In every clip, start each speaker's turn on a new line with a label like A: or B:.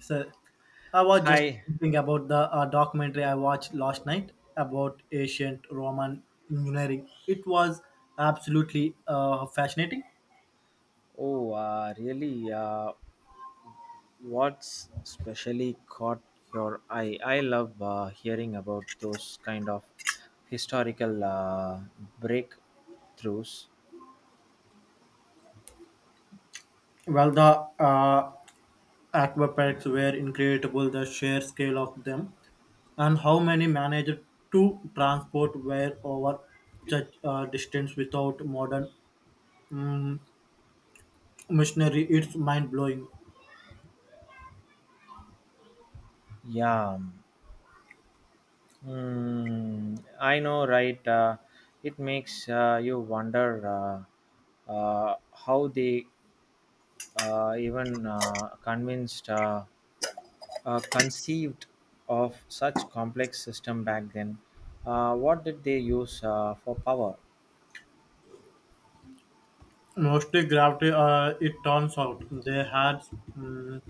A: So I was just
B: Hi.
A: thinking about the documentary I watched last night about ancient Roman engineering. It was absolutely fascinating.
B: Oh, really? What's specially caught your eye? I love hearing about those kind of historical breakthroughs.
A: Well, the aqueducts were incredible, the sheer scale of them, and how many managed to transport were over such distance without modern um, machinery. It's mind blowing.
B: Yeah. Hmm. I know, right? It makes you wonder how they even convinced. Conceived of such complex system back then. What did they use for power?
A: Mostly gravity, it turns out they had. mm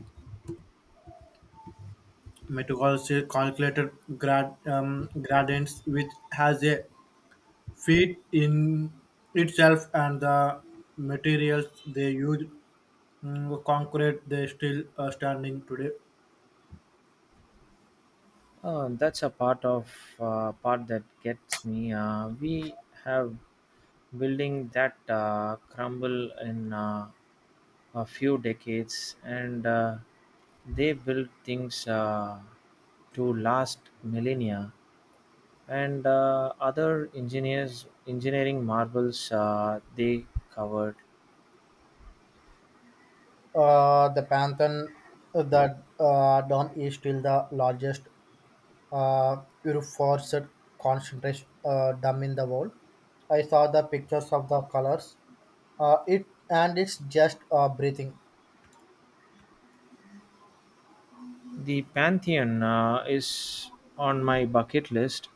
A: methodology calculated gradients, which has a feat in itself, and the materials they use, mm, concrete, they still standing today.
B: That's a part of Part that gets me. We have building that crumble in a few decades, and they build things to last millennia. And other engineering marvels, they covered.
A: The Pantheon, that dome is still the largest uh, reinforced concentration dome in the world. I saw the pictures of the colors. It and it's just breathing.
B: The Pantheon is on my bucket list.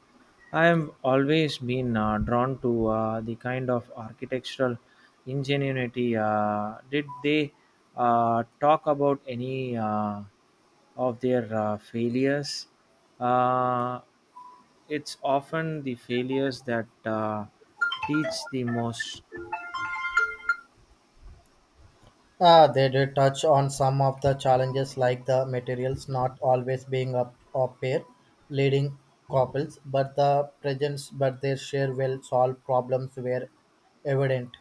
B: I have always been drawn to the kind of architectural ingenuity. Did they talk about any of their failures? Uh, it's often the failures that teach the most.
A: They did touch on some of the challenges like the materials not always being a pair leading couples, but the presence but their share will solve problems were evident.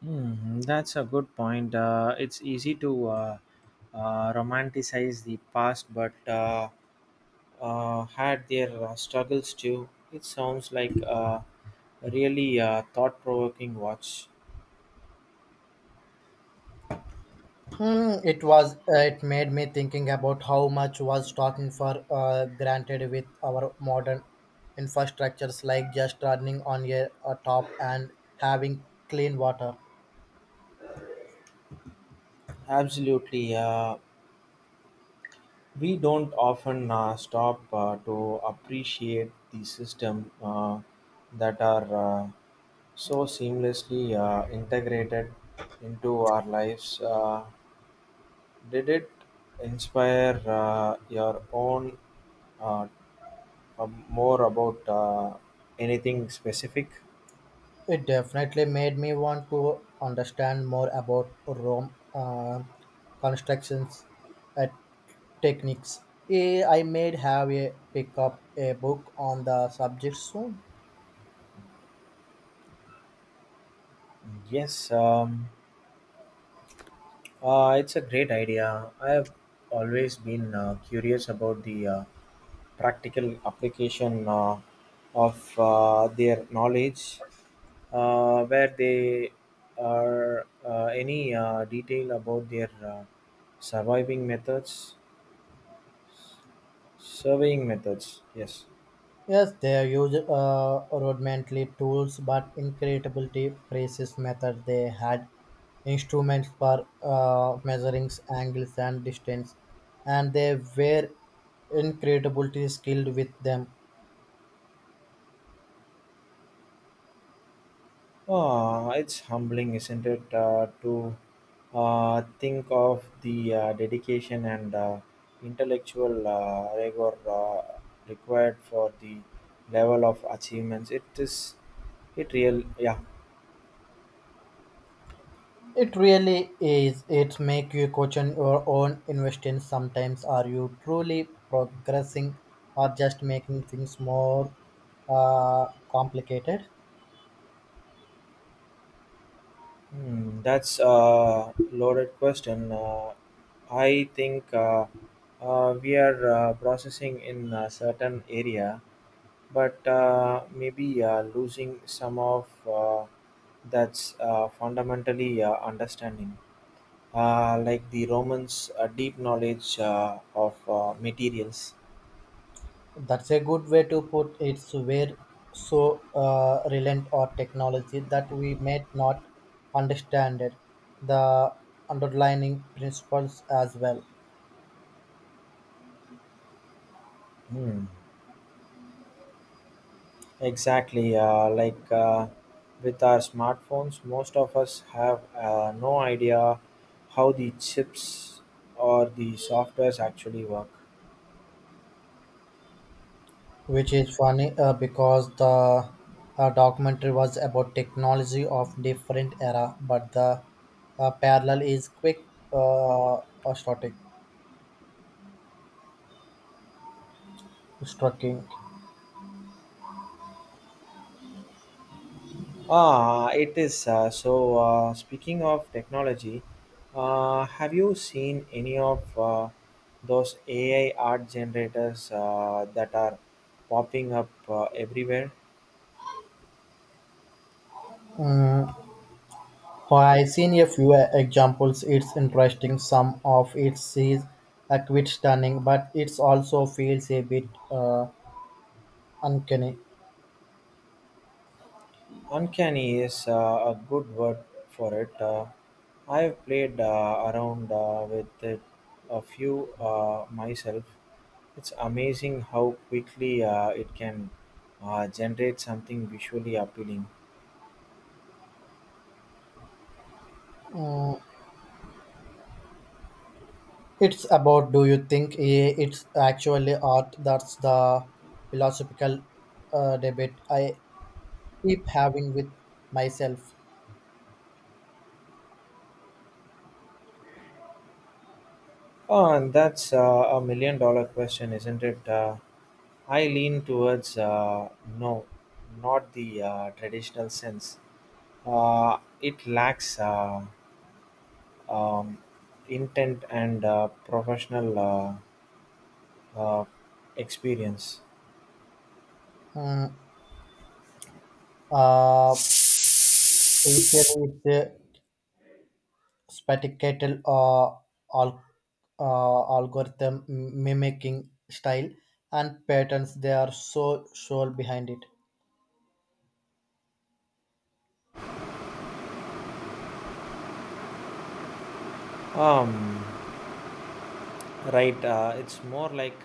B: Hmm, that's a good point. It's easy to romanticize the past, but had their struggles too. It sounds like a really thought provoking watch.
A: Hmm, it made me thinking about how much was talking for granted with our modern infrastructures like just running on a top and having clean water.
B: Absolutely. We don't often stop to appreciate the system that are uh, so seamlessly integrated into our lives. Did it inspire your own uh, more about anything specific?
A: It definitely made me want to understand more about Rome constructions and techniques. I may have a pick up a book on the subject soon.
B: Yes, it's a great idea. I have always been curious about the practical application of their knowledge. Where they are any detail about their surviving methods? Surveying methods, yes.
A: Yes, they use rudimentary tools, but incredibly precise method. They had instruments for measuring angles and distance, and they were incredibly skilled with them.
B: Ah, it's humbling, isn't it, to think of the dedication and intellectual rigor required for the level of achievements. It is, it real, yeah.
A: It really is. It make you question your own investments sometimes. Are you truly progressing or just making things more uh, complicated?
B: Hmm, that's a loaded question. I think we are processing in a certain area but maybe losing some of that's fundamentally understanding, like the Romans' deep knowledge of materials.
A: That's a good way to put it. We're so reliant on technology that we may not understand it, the underlying principles as well.
B: Hmm. Exactly, like with our smartphones, most of us have no idea how the chips or the softwares actually work.
A: Which is funny because the documentary was about technology of different era but the parallel is quick uh, uh, static striking.
B: Ah, it is. So, speaking of technology, have you seen any of those AI art generators that are popping up everywhere?
A: So I seen a few examples. It's interesting, some of it is a quite stunning, but it's also feels a bit uncanny.
B: Uncanny is a good word for it. I've played around with it a few myself. It's amazing how quickly it can generate something visually appealing.
A: Mm, it's about, do you think it's actually art? That's the philosophical debate I keep having with myself.
B: Oh, and that's a million dollar question, isn't it? I lean towards no, not the traditional sense. It lacks um, intent and professional uh, experience.
A: Mm, uh, usually it's a spectacle al- algorithm mimicking style and patterns. They are so sure behind it.
B: Um, right, it's more like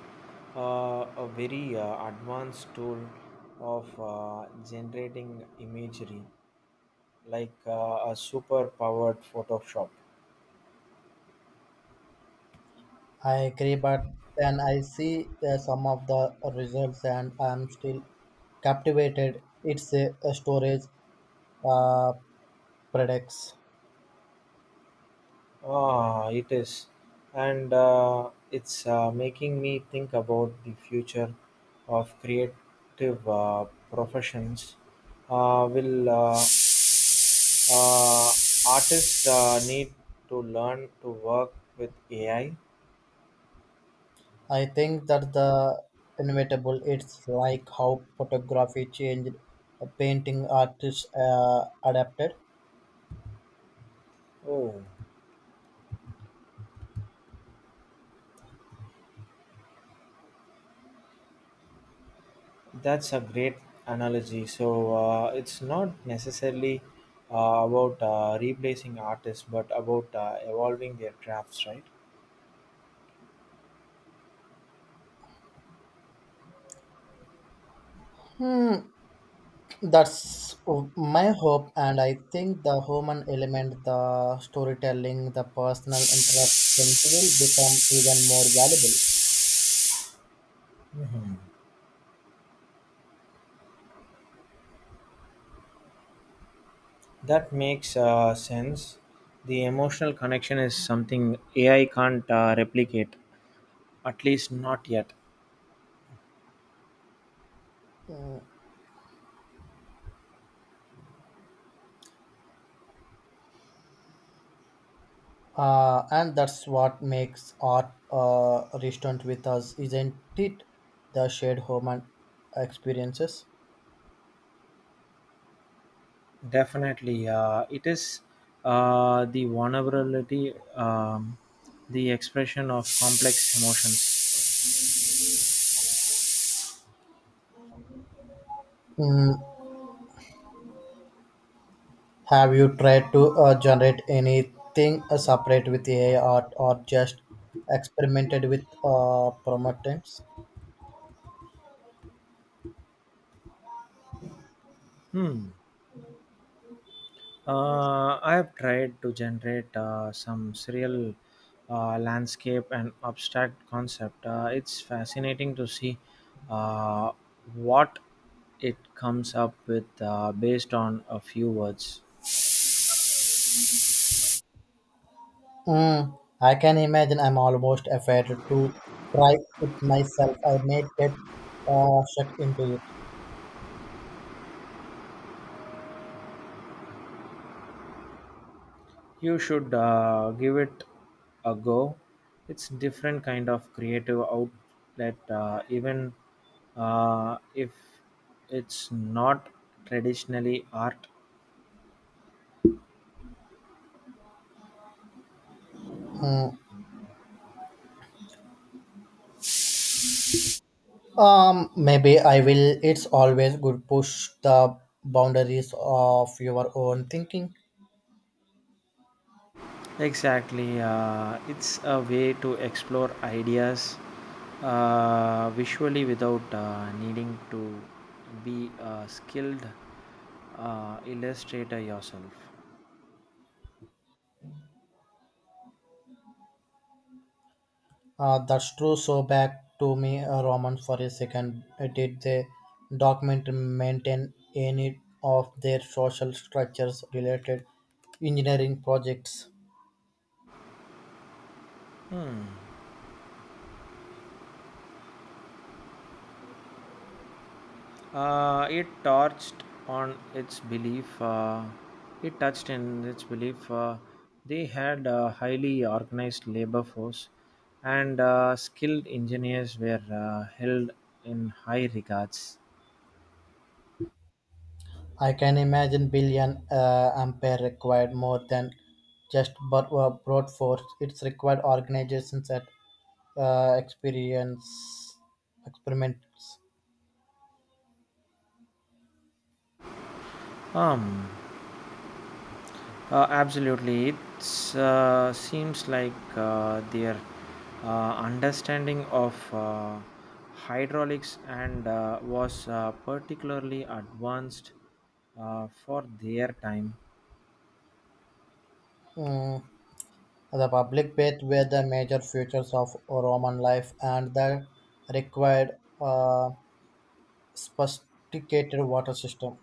B: a very advanced tool of generating imagery, like a super powered Photoshop.
A: I agree, but then I see some of the results and I'm still captivated. It's a storage uh, products.
B: Ah, it is, and it's making me think about the future of creative professions. Will uh, artists need to learn to work with AI?
A: I think that the inevitable. It's like how photography changed, painting artists adapted.
B: Oh, that's a great analogy. So it's not necessarily about replacing artists, but about evolving their crafts, right?
A: Hmm, that's my hope, and I think the human element, the storytelling, the personal interaction will become even more valuable.
B: That makes sense. The emotional connection is something AI can't replicate, at least not yet.
A: And that's what makes art resonant with us, isn't it? The shared human experiences.
B: Definitely, it is the vulnerability, the expression of complex emotions.
A: Mm, have you tried to generate anything separate with AI or just experimented with prompts?
B: Hmm. I have tried to generate some surreal landscape and abstract concept. It's fascinating to see uh, what it comes up with based on a few words.
A: Mm, I can imagine. I'm almost afraid to try it myself. I may get sucked into it.
B: You should give it a go. It's different kind of creative outlet, even if it's not traditionally art.
A: Mm, um, maybe I will. It's always good push the boundaries of your own thinking.
B: Exactly. It's a way to explore ideas visually without needing to be a skilled illustrator yourself.
A: That's true. So back to me, Roman, for a second. Did the document maintain any of their social structures related engineering projects?
B: It touched on its belief. It touched in its belief they had a highly organized labor force, and skilled engineers were held in high regards.
A: I can imagine billion ampere required more than just but brought forth. It's required organizations that experience experiments.
B: Um, Absolutely, it seems like their understanding of hydraulics and was particularly advanced for their time.
A: Mm, the public baths were the major features of Roman life and the required uh, sophisticated water system.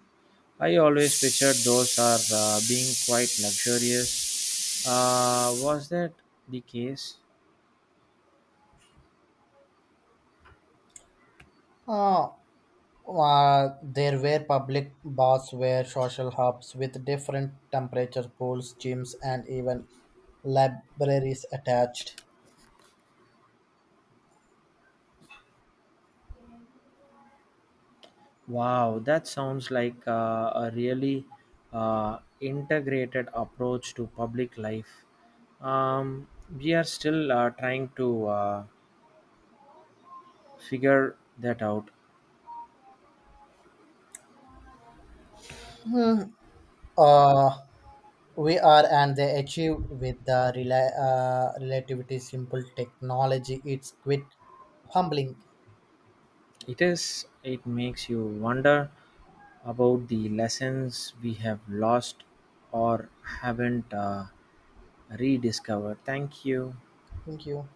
B: I always pictured those are being quite luxurious. Was that the case?
A: Uh, there were public baths were social hubs with different temperature pools, gyms, and even libraries attached.
B: Wow, that sounds like a really integrated approach to public life. Um, we are still trying to figure that out.
A: Uh, we are and they achieved with the relativity simple technology. It's quite humbling.
B: It is. It makes you wonder about the lessons we have lost or haven't rediscovered. Thank you.
A: Thank you.